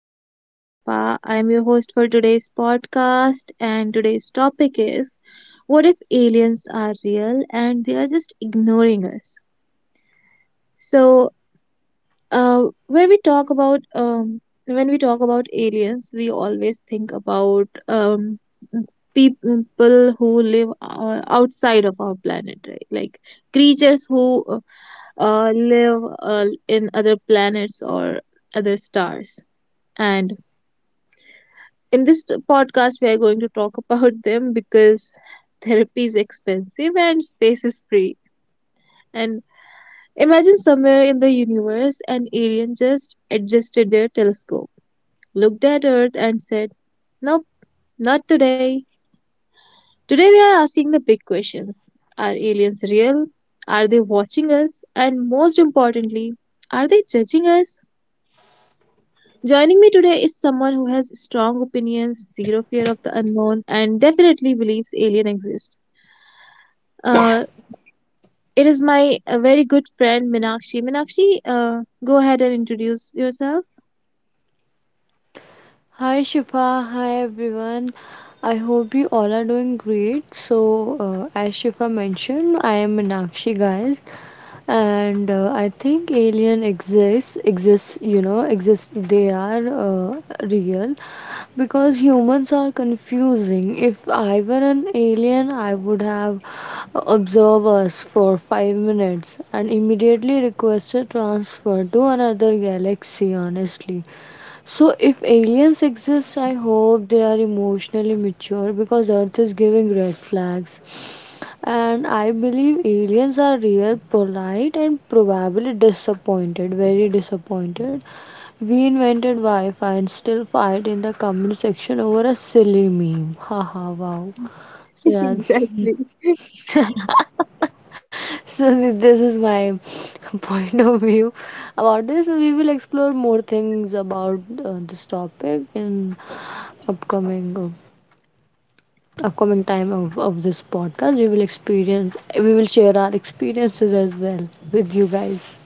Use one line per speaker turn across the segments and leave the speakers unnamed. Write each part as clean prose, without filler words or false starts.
my name is Shifa. I'm your host for today's podcast, and today's topic is: what if aliens are real and they are just ignoring us? So, when we talk about when we talk about aliens, we always think about people who live outside of our planet, right? Like creatures who live in other planets or other stars. And in this podcast, we are going to talk about them because therapy is expensive and space is free. And imagine somewhere in the universe, an alien just adjusted their telescope, looked at Earth, and said, "Nope, not today." Today, we are asking the big questions. Are aliens real? Are they watching us? And most importantly, are they judging us? Joining me today is someone who has strong opinions, zero fear of the unknown, and definitely believes aliens exist. Uh, it is my very good friend Minakshi. Minakshi, go ahead and introduce yourself.
Hi Shifa, hi everyone. I hope you all are doing great. So, as Shifa mentioned, I am Meenakshi, guys, and I think alien exists. They are real because humans are confusing. If I were an alien, I would have observed us for 5 minutes and immediately requested transfer to another galaxy, honestly. So, if aliens exist, I hope they are emotionally mature because Earth is giving red flags. And I believe aliens are real, polite, and probably disappointed, very disappointed. We invented Wi Fi and still fight in the comment section over a silly meme. Haha, wow. So, yeah,
Exactly.
this is my point of view about this. We will explore more things about this topic in upcoming. Uh, upcoming time of this podcast. We will experience, we will share our experiences as well with you guys.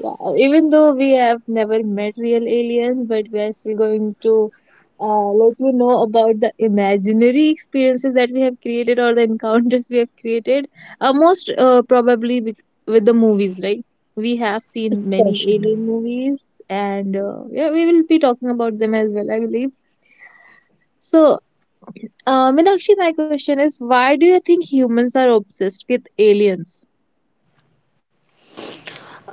Yeah, even though we have never met real aliens, but we are still going to let you know about the imaginary experiences that we have created or the encounters we have created. Most probably with the movies, right? We have
It's
seen many
special.
alien movies, and yeah, we will be talking about them as well, I believe. So, Meenakshi, my question is, why do you think humans are obsessed with aliens?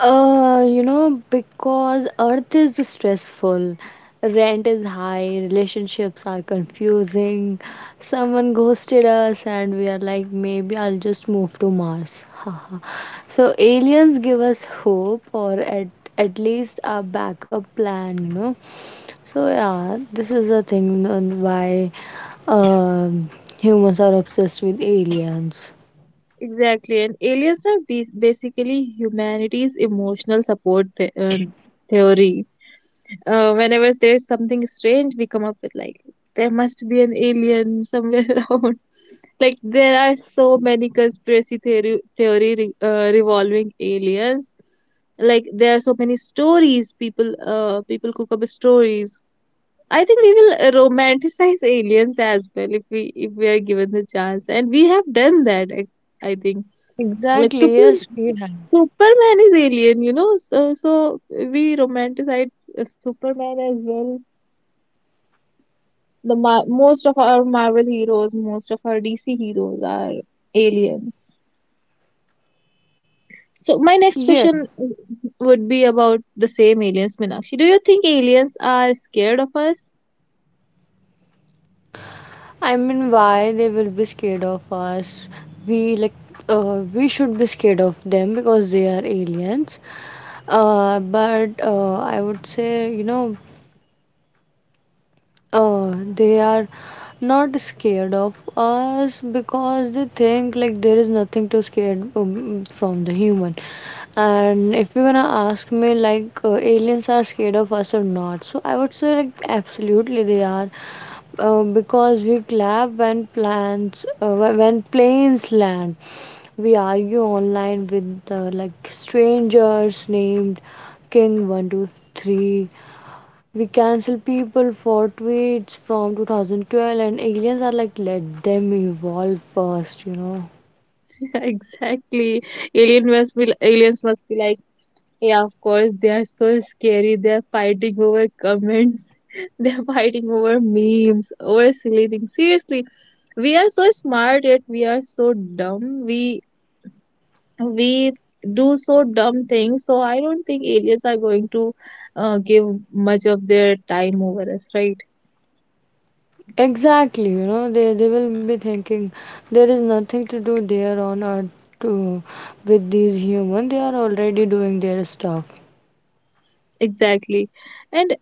You know, because Earth is stressful, rent is high, relationships are confusing, someone ghosted us, and we are like, maybe I'll just move to Mars. Haha. So, aliens give us hope at least a backup plan, you know. So, yeah, this is the thing on why um humans are obsessed with aliens.
Exactly, and aliens are basically humanity's emotional support theory. Whenever there's something strange, we come up with like there must be an alien somewhere around. Like there are so many conspiracy theory revolving aliens. Like there are so many stories people cook up stories. I think we will romanticize aliens as well if we are given the chance, and we have done that. I think like
Exactly, yes, we have.
Superman is alien, you know. So we romanticize Superman as well. Most of our Marvel heroes, most of our DC heroes are aliens. So my next
Yes.
question would be about the same aliens, Minakshi. Do you think aliens are scared of us?
I mean, why they will be scared of us? We like we should be scared of them because they are aliens. But I would say, you know, they are not scared of us because they think like there is nothing to scare from the human. And if you're gonna ask me like aliens are scared of us or not, so I would say like absolutely they are, because we clap when when planes land. We argue online with like strangers named king 123. We cancel people for tweets from 2012, and aliens are like, let them evolve first, you know.
Exactly. Aliens must be like, yeah, of course, they are so scary. They're fighting over comments. They're fighting over memes, over silly things. Seriously, we are so smart yet we are so dumb. We do so dumb things. So I don't think aliens are going to give much of their time over us, right?
Exactly, you know, they will be thinking there is nothing to do there on earth to, with these humans. They are already doing their stuff.
Exactly. And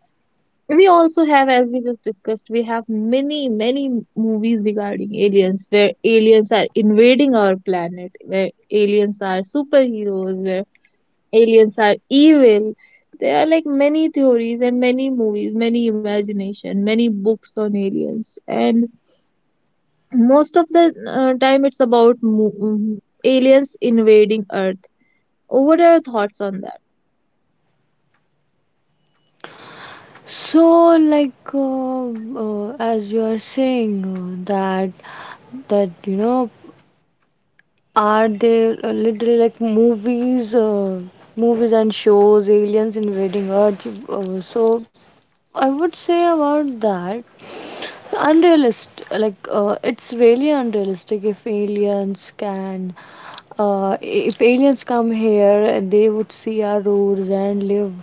we also have, as we just discussed, we have many movies regarding aliens where aliens are invading our planet, where aliens are superheroes, where aliens are evil. There are like many theories and many movies, many imagination, many books on aliens, and most of the time it's about aliens invading Earth. What are your thoughts on
So, like, as you are saying, that that you know, are there movies and shows, aliens invading Earth? So I would say about that, unrealistic. Like it's really unrealistic. If aliens come here, they would see our roads and live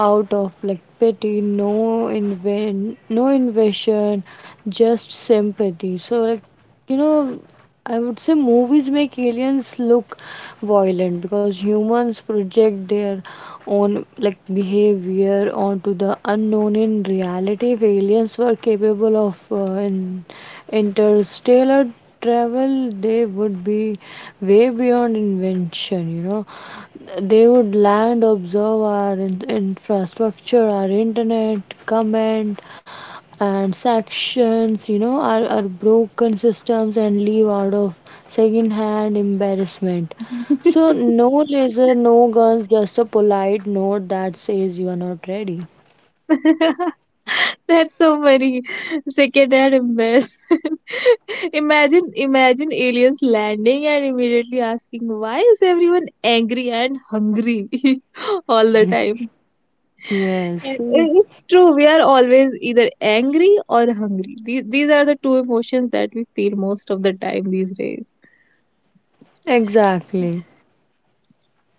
out of like pity, no invasion, just sympathy. So, like, you know, I would say movies make aliens look violent because humans project their own like behavior onto the unknown. In reality, if aliens were capable of in interstellar travel, they would be way beyond invention. You know, they would land, observe our infrastructure, our internet, comment and sections, you know, are broken systems, and leave out of second-hand embarrassment.
that?
So no laser, no guns, just a polite note that says you are not ready.
That's so funny. Second-hand embarrassment. Imagine, imagine aliens landing and immediately asking, "Why is everyone angry and hungry all the time?"
Yes,
And
mm,
it's true. We are always either angry or hungry. These are the two emotions that we feel most of the time these days.
exactly.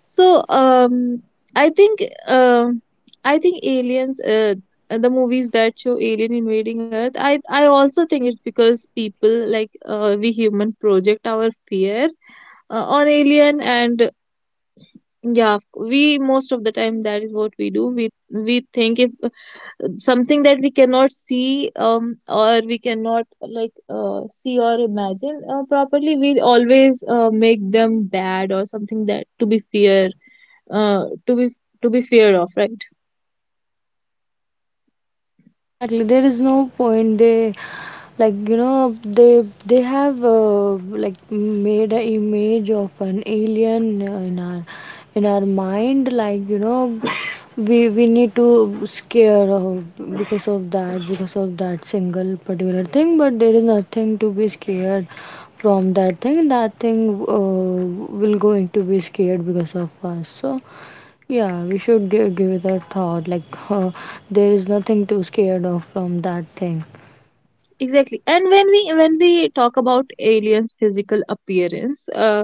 So um, I think um, I think aliens. The movies that show alien invading Earth, I also think it's because people like, we human project our fear on alien, and yeah, we most of the time, that is what we do. We think if something that we cannot see, or we cannot like see or imagine properly, we always make them bad or something that to be fear, to be, to be feared of, right?
Exactly. There is no point. They like you know They have, like made a image of an alien in our mind, like, you know, we need to scare, because of that single particular thing. But there is nothing to be scared from. That thing that thing uh, will going to be scared because of us. So yeah, we should give it a thought, like there is nothing to scared of from that thing.
Exactly. And when we, when we talk about aliens' physical appearance, uh,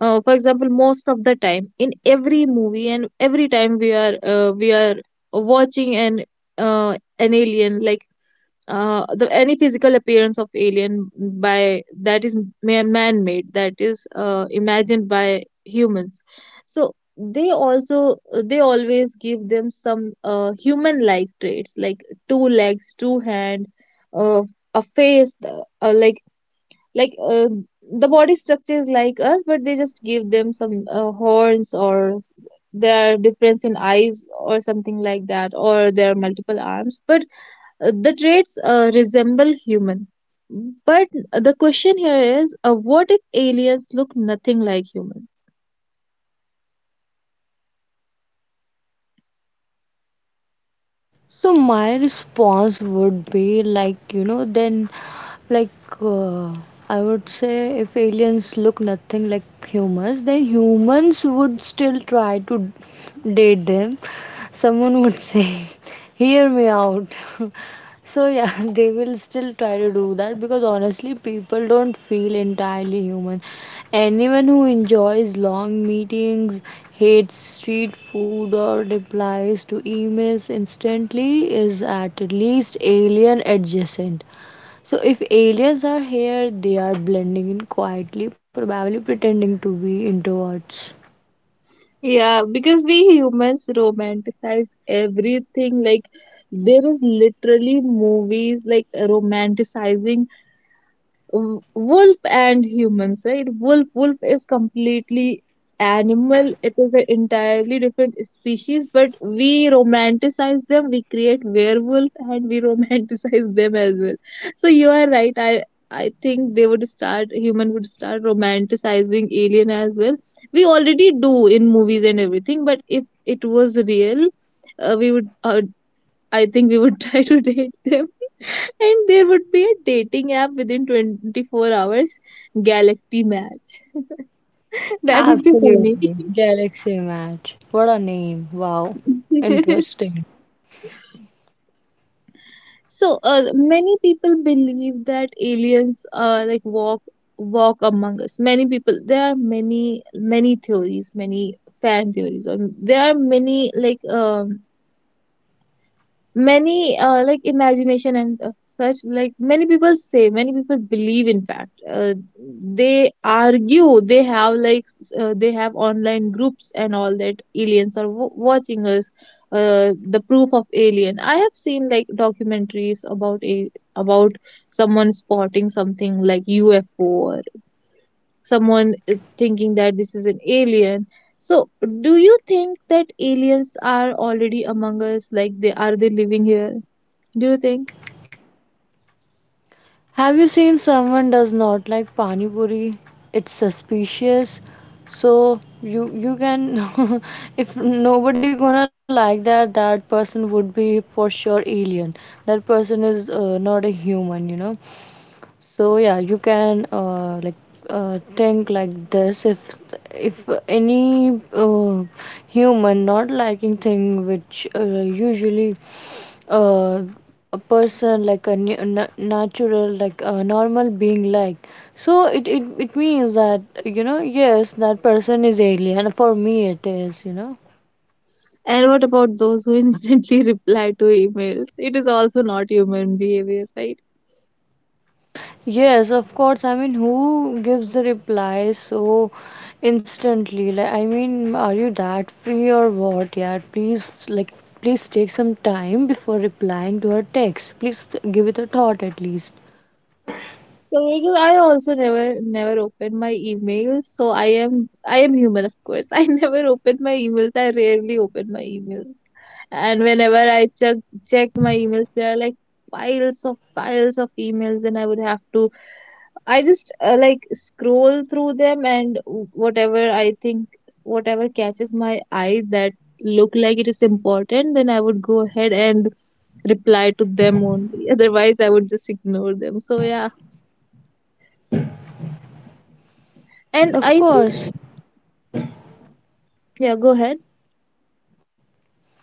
uh, for example, most of the time in every movie and every time we are watching an alien, like the any physical appearance of alien by that is man made, that is imagined by humans. So they also, they always give them some human like traits, like two legs, two hand, uh, a face, like, like the body structure is like us, but they just give them some horns, or there are difference in eyes or something like that, or there are multiple arms, but the traits resemble human. But the question here is, what if aliens look nothing like human?
So my response would be like, you know, then like uh, I would say if aliens look nothing like humans, then humans would still try to date them. Someone would say, "Hear me out." So yeah, they will still try to do that because honestly, people don't feel entirely human. Anyone who enjoys long meetings, hates street food, or replies to emails instantly is at least alien adjacent. So, if aliens are here, they are blending in quietly, probably pretending to be introverts.
Yeah, because we humans romanticize everything. Like there is literally movies like romanticizing wolf and humans, right? Wolf is completely animal. It is an entirely different species, but we romanticize them. We create werewolf and we romanticize them as well. So you are right. I think they would start, human would start romanticizing alien as well. We already do in movies and everything, but if it was real, we would, I think we would try to date them. And there would be a dating app within 24 hours, Galaxy Match. That would be funny.
Absolutely. Galaxy Match. What a name. Wow. Interesting.
So many people believe that aliens like walk among us. Many people, there are many theories, many fan theories, or there are many like imagination and such. Like many people say, many people believe, in fact, they argue, they have like they have online groups and all that, aliens are watching us. The proof of alien, I have seen like documentaries about someone spotting something like UFO, or someone thinking that this is an alien. So do you think that aliens are already among us, like they are, they living here, do you think?
Have you seen someone does not like pani puri? It's suspicious. So you can if nobody gonna like that, that person would be for sure alien. That person is not a human, you know. So yeah, you can think like this. If any human not liking thing which usually uh, a person, natural like a normal being. So it, it means that, you know, yes, that person is alien for me, it is, you know.
And what about those who instantly reply to emails? It is also not human behavior, right?
Yes, of course. I mean, who gives the reply so instantly? Like, I mean, are you that free or what? Yeah, please, like, please take some time before replying to her text, please. Give it a thought at least.
So because I also never open my emails, so I am human, of course. I never open my emails. I rarely open my emails. And whenever I check my emails, there are like piles of emails. Then I would have to, I just like scroll through them and whatever I think, whatever catches my eye, that look like it is important, then I would go ahead and reply to them only. Otherwise, I would just ignore them. So yeah, and I
Of
think,
course.
yeah, go ahead.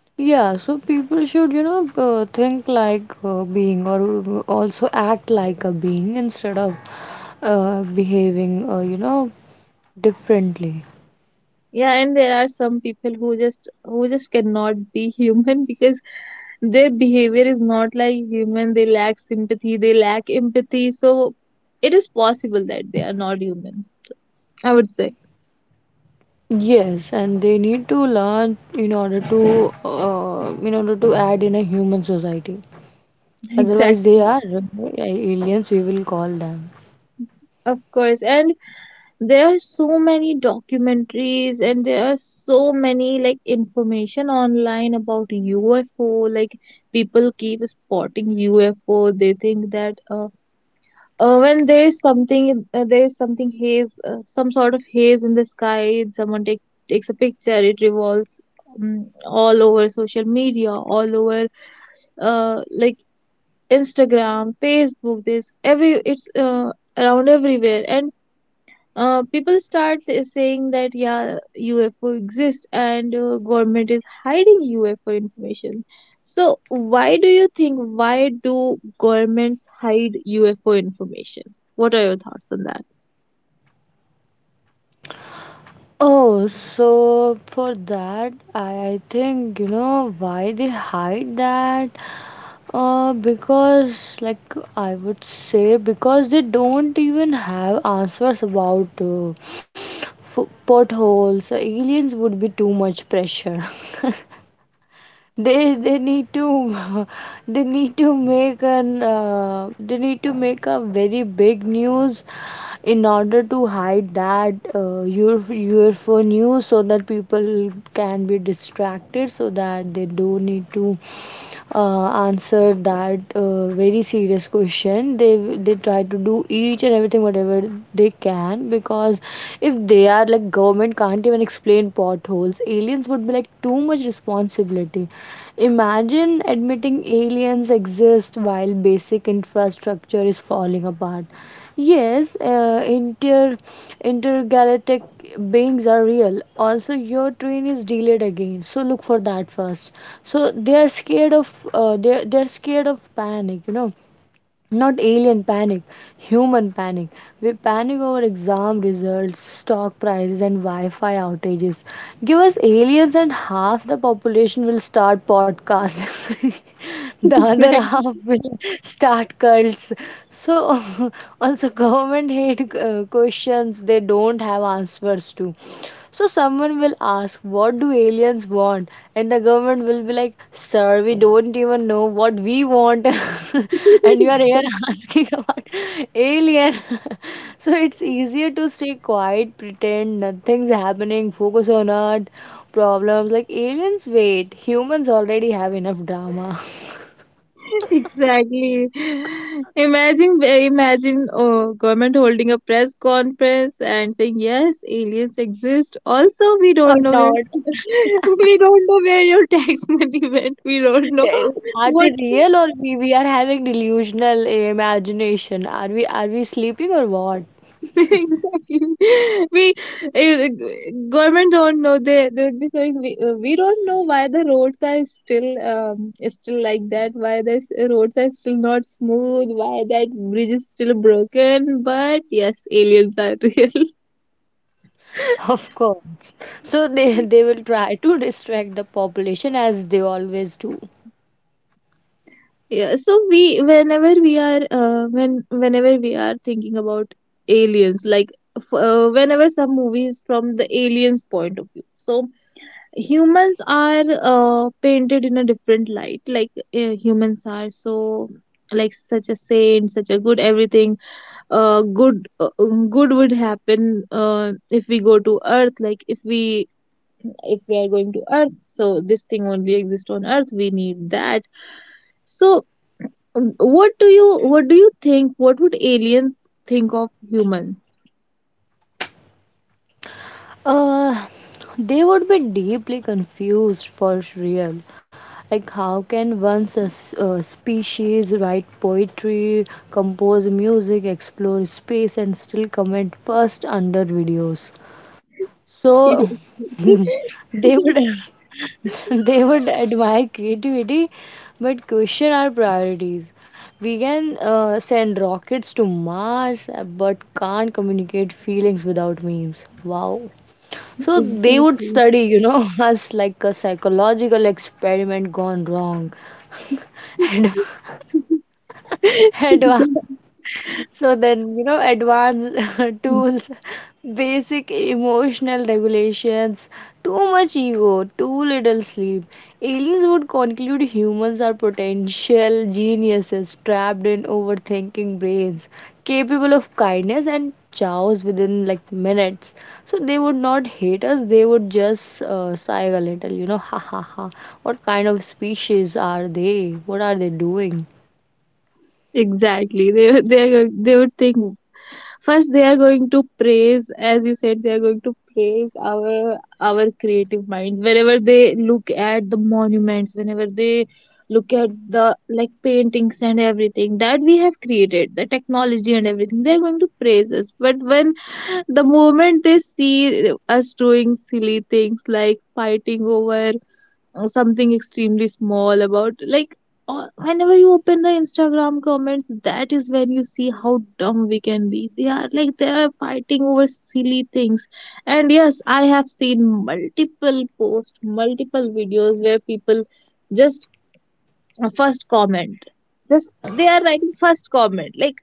Yeah, so people should, you know, think like a being or also act like a being instead of behaving, you know, differently.
Yeah, and there are some people who just, who just cannot be human, because their behavior is not like human. They lack sympathy. They lack empathy. So it is possible that they are not human, I would say.
Yes, and they need to learn in order to add in a human society. Otherwise, they
Exactly.
are aliens, we will call them.
Of course, and there are so many documentaries and there are so many like information online about UFO. Like people keep spotting UFO. They think that, when there is something haze, some sort of haze in the sky. Someone takes a picture. It revolves all over social media, all over like Instagram, Facebook. This every it's around everywhere, and people start saying that yeah, UFO exists, and government is hiding UFO information. So why do you think, why do governments hide UFO information, what are your thoughts on that?
Oh, so for that, I think, you know, why they hide that. Because, like, I would say, because they don't even have answers about potholes. So aliens would be too much pressure. They need to They need to make an they need to make a very big news in order to hide that UFO news, so that people can be distracted, so that they don't need to answer that very serious question. They try to do each and everything whatever they can, because if they are like government can't even explain potholes, aliens would be like too much responsibility. Imagine admitting aliens exist while basic infrastructure is falling apart. Yes, intergalactic beings are real. Also, your train is delayed again, so look for that first. So they are scared of, they're scared of panic, you know. Not alien panic, human panic. We panic over exam results, stock prices, and Wi Fi outages. Give us aliens, and half the population will start podcasts. The other
Right.
half will start cults. So, also, government hate questions they don't have answers to. So someone will ask, what do aliens want? And the government will be like, sir, we don't even know what we want. And you are here asking about alien. So it's easier to stay quiet, pretend nothing's happening, focus on earth problems. Like aliens, wait, humans already have enough drama.
Exactly. Imagine, imagine, oh, government holding a press conference and saying, "Yes, aliens exist. Also, we
Or
don't know where,
not.
we don't know where your tax money went. We don't know
Eh, are
what."
they real or we are having delusional imagination? Are we sleeping or what?
Exactly. we uh, Government don't know. They would be saying, we don't know why the roads are still is still like that, why the roads are still not smooth, why that bridge is still broken, but yes, aliens are real.
Of course. So they will try to distract the population as they always do.
Yeah, so we, whenever we are when whenever we are thinking about aliens, like whenever some movies from the aliens point of view, so humans are painted in a different light, like humans are so like such a saint, such a good everything, good good would happen if we go to earth, like if we, if we are going to earth, so this thing only exists on earth, we need that. So what do you, what do you think, what would alien think of human?
Uh, they would be deeply confused for real. Like, how can one species write poetry, compose music, explore space, and still comment first under videos? So they would they would admire creativity but question our priorities. We can send rockets to Mars, but can't communicate feelings without memes. Wow. So they would
Exactly.
study, you know, us like a psychological experiment gone wrong. Advanced. So then, you know, advanced tools, basic emotional regulations, too much ego, too little sleep. Aliens would conclude humans are potential geniuses trapped in overthinking brains, capable of kindness and chows within like minutes. So they would not hate us, they would just sigh a little, you know, ha ha ha. What kind of species are they? What are they doing?
Exactly. They would, they are going, they would think first they are going to praise, as you said, they are going to praise our creative minds. Whenever they look at the monuments, whenever they look at the, like, paintings and everything that we have created, the technology and everything, they are going to praise us. But when the moment they see us doing silly things like fighting over something extremely small about whenever you open the Instagram comments, that is when you see how dumb we can be. They are like they are fighting over silly things. And yes, I have seen multiple posts, multiple videos where people just first comment, just they are writing first comment like,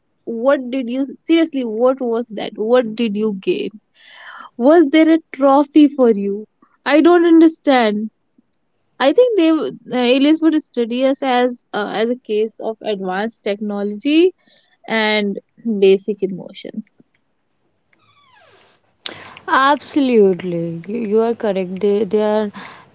what did you seriously, what was that, what did you gain, was there a trophy for you? I don't understand. I think they would- Aliens would study us as a case of advanced technology and basic emotions.
Absolutely, you are correct. They are,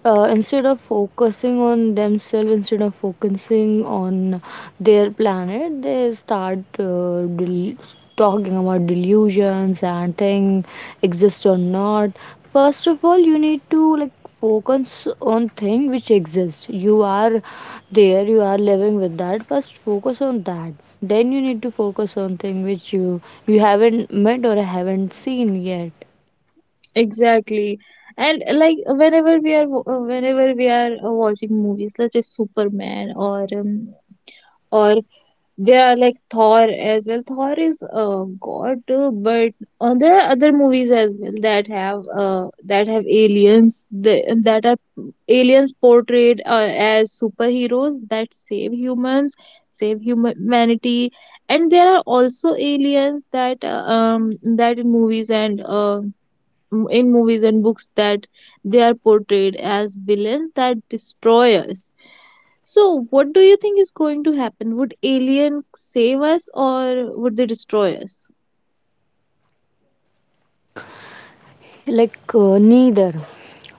instead of focusing on themselves, instead of focusing on their planet, they start talking about delusions and thing exist or not. First of all, you need to like focus on thing which exists. You are there, you are living with that. First, focus on that. Then you need to focus on thing which you haven't met or haven't seen yet.
Exactly, and like whenever we are watching movies such as Superman or there are like Thor as well. Thor is god, but there are other movies as well that have that are aliens, portrayed as superheroes that save humans, humanity, and there are also aliens that in movies and in movies and books that they are portrayed as villains that destroy us. So, what do you think is going to happen? Would alien save us or would they destroy us?
Like, neither.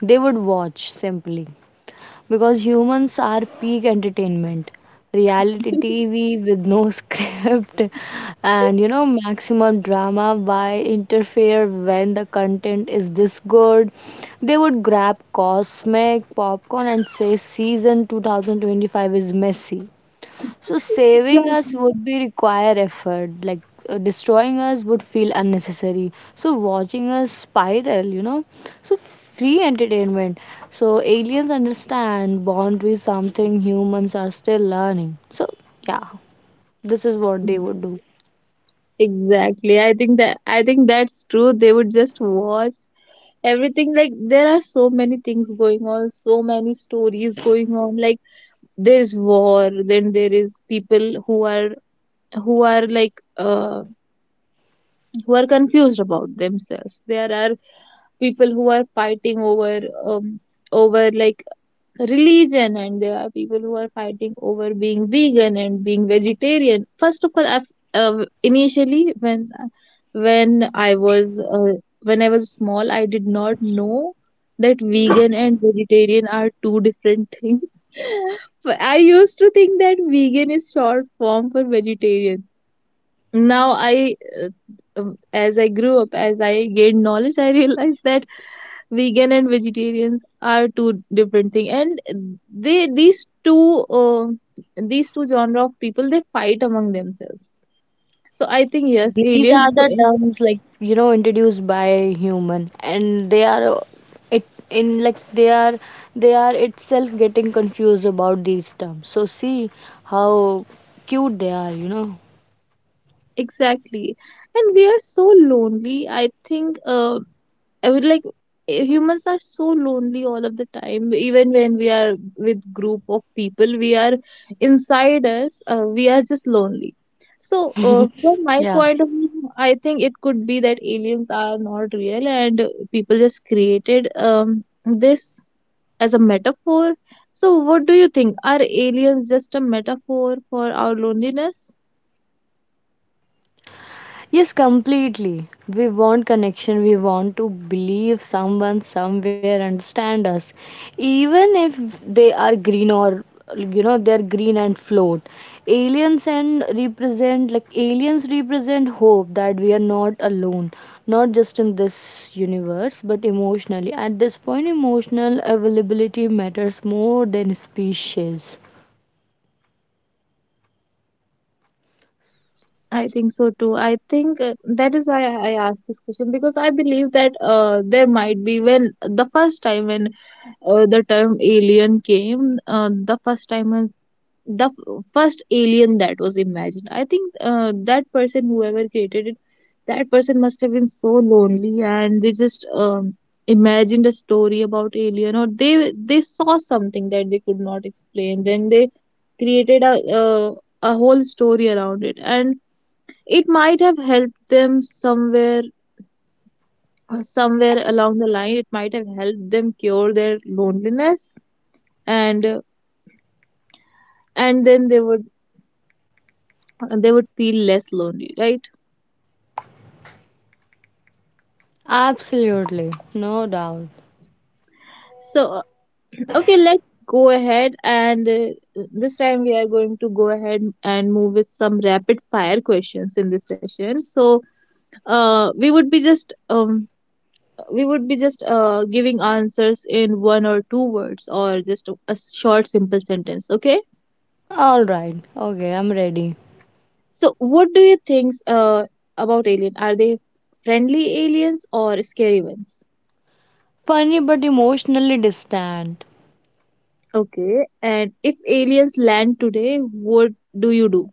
They would watch simply because humans are peak entertainment. Reality TV with no script and you know maximum drama. Why interfere when the content is this good? They would grab cosmic popcorn and say season 2025 is messy, so saving us
Exactly.
would be require effort, like destroying us would feel unnecessary. So watching us spiral, you know. So free entertainment. So aliens understand boundaries, something humans are still learning. So yeah, this is what they would do.
Exactly. I think that's true. They would just watch everything. Like there are so many things going on, so many stories going on. Like there is war, then there is people who are who are confused about themselves. There are people who are fighting over religion, and there are people who are fighting over being vegan and being vegetarian. First of all, I initially when when i was uh, when I was small, I did not know that vegan and vegetarian are two different things. But I used to think that vegan is short form for vegetarian. Now I uh, um, as I grew up, as I gained knowledge, I realized that vegan and vegetarians are two different thing, and they these two these two genre of people, they fight among themselves. So I think, yes,
These are
alien.
the terms, like, you know, introduced by human, and they are, it in like they are itself getting confused about these terms. So see how cute they are, you know.
Exactly. And we are so lonely. I think I would like eh, Humans are so lonely all of the time. Even when we are with group of people, we are inside us. We are just lonely. So from my
Yeah.
point of view, I think it could be that aliens are not real, and people just created this as a metaphor. So what do you think? Are aliens just a metaphor for our loneliness?
Yes, completely. We want connection. We want to believe someone somewhere understand us, even if they are green or, you know, they're green and float. Aliens represent hope that we are not alone, not just in this universe, but emotionally. At this point, emotional availability matters more than species.
I think so too. I think that is why I asked this question, because I believe that there might be when the first time when the term alien came, the first time when the first alien that was imagined. I think that person, whoever created it, that person must have been so lonely, and they just imagined a story about alien, or they saw something that they could not explain. Then they created uh, a whole story around it, and it might have helped them somewhere, somewhere along the line. It might have helped them cure their loneliness, and and then they would feel less lonely, right?
Absolutely, no doubt.
So okay, let's go ahead, and this time we are going to go ahead and move with some rapid fire questions in this session. So uh, we would be just um we would be just giving answers in one or two words, or just a short simple sentence, okay.
All right. Okay, I'm ready.
So, what do you think about alien? Are they friendly aliens or scary ones?
Funny but emotionally distant.
Okay, and if aliens land today, what do you do?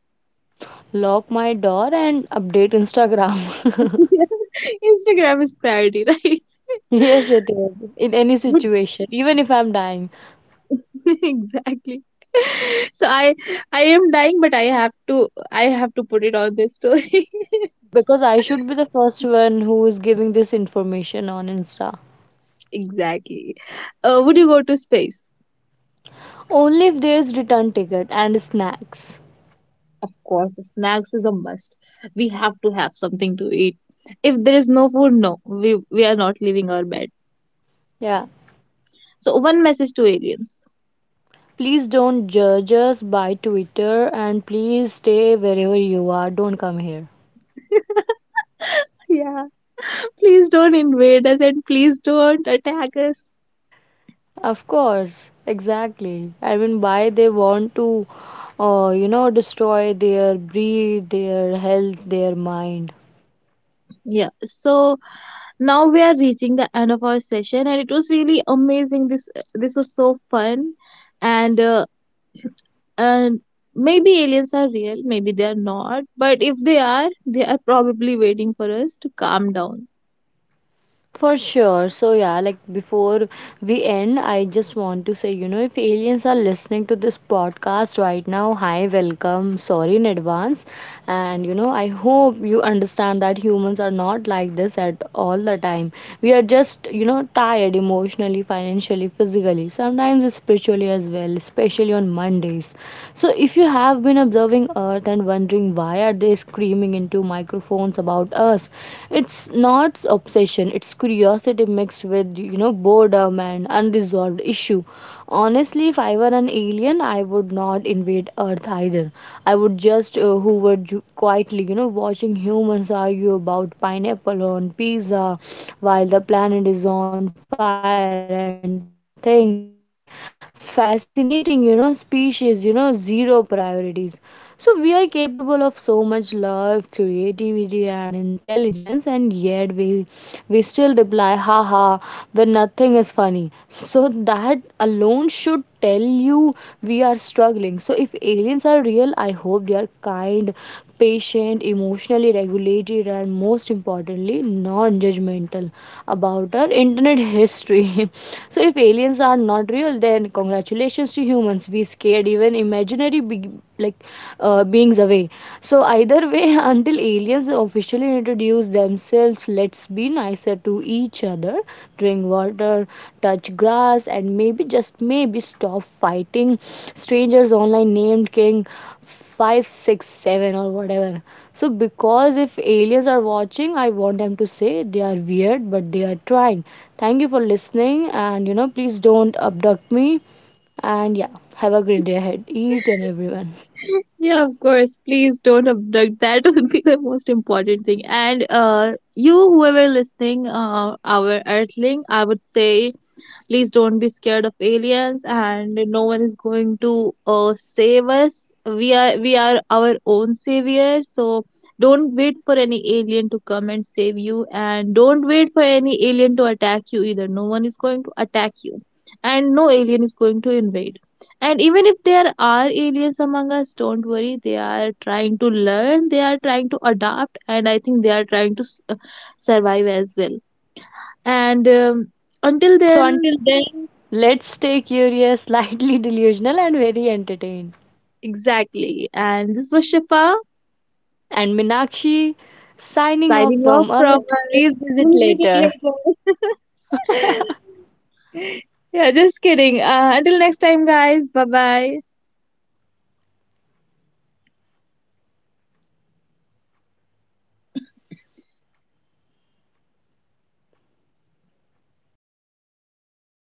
Lock my door and update Instagram.
Instagram is priority, right?
Yes, it is. In any
Good.
situation, even if I'm dying.
Exactly. So I am dying, but I have to put it on this story.
Because I should be the first one who is giving this information on Insta.
Exactly. Would you go to space?
Only if there's return ticket and snacks.
Of course, snacks is a must. We have to have something to eat. If there is no food, no, we are not leaving our bed.
Yeah.
So, one message to aliens.
Please don't judge us by Twitter and please stay wherever you are. Don't come here.
Yeah, please don't invade us, and please don't attack us.
Of course, exactly. I mean, why they want to, you know, destroy their breed, their health, their mind.
Yeah, so now we are reaching the end of our session, and it was really amazing. This was so fun, and uh, and maybe aliens are real, maybe they are not. But if they are, they are probably waiting for us to calm down.
For sure. So, yeah, like before we end, I just want to say, you know, if aliens are listening to this podcast right now, hi, welcome. Sorry in advance. And, you know, I hope you understand that humans are not like this at all the time. We are just, you know, tired emotionally, financially, physically, sometimes spiritually as well, especially on Mondays. So, if you have been observing Earth and wondering why are they screaming into microphones about us, it's not obsession, it's curiosity mixed with, you know, boredom and unresolved issue. Honestly, if I were an alien, I would not invade Earth either. I would just hover quietly, you know, watching humans argue about pineapple on pizza while the planet is on fire and thing. Fascinating, you know, species, you know, zero priorities. So we are capable of so much love, creativity, and intelligence, and yet we still reply haha when nothing is funny. So that alone should tell you we are struggling. So, if aliens are real, I hope they are kind, patient, emotionally regulated, and most importantly, non judgmental about our internet history. So, if aliens are not real, then congratulations to humans. We scared even imaginary big like beings away. So, either way, until aliens officially introduce themselves, let's be nicer to each other, drink water, touch grass, and maybe just maybe stop fighting strangers online named King 567 or whatever. So, because if aliens are watching, I want them to say they are weird, but they are trying. Thank you for listening, and you know, please don't abduct me. And yeah, have a great day ahead, each and everyone.
Yeah, of course. Please don't abduct. That would be the most important thing. And you, whoever listening, our Earthling, I would say, please don't be scared of aliens. And no one is going to save us. We are our own savior. So don't wait for any alien to come and save you. And don't wait for any alien to attack you either. No one is going to attack you, and no alien is going to invade. And even if there are aliens among us, don't worry. They are trying to learn, they are trying to adapt, and I think they are trying to survive as well. And until
So until
then,
then, let's stay curious, slightly delusional, and very entertained.
exactly. And this was Shifa
And Minakshi signing off
signing off
from
from
Earth.
us.
Please visit
We'll meet
later.
later. Yeah, just kidding. Until next time, guys. Bye bye.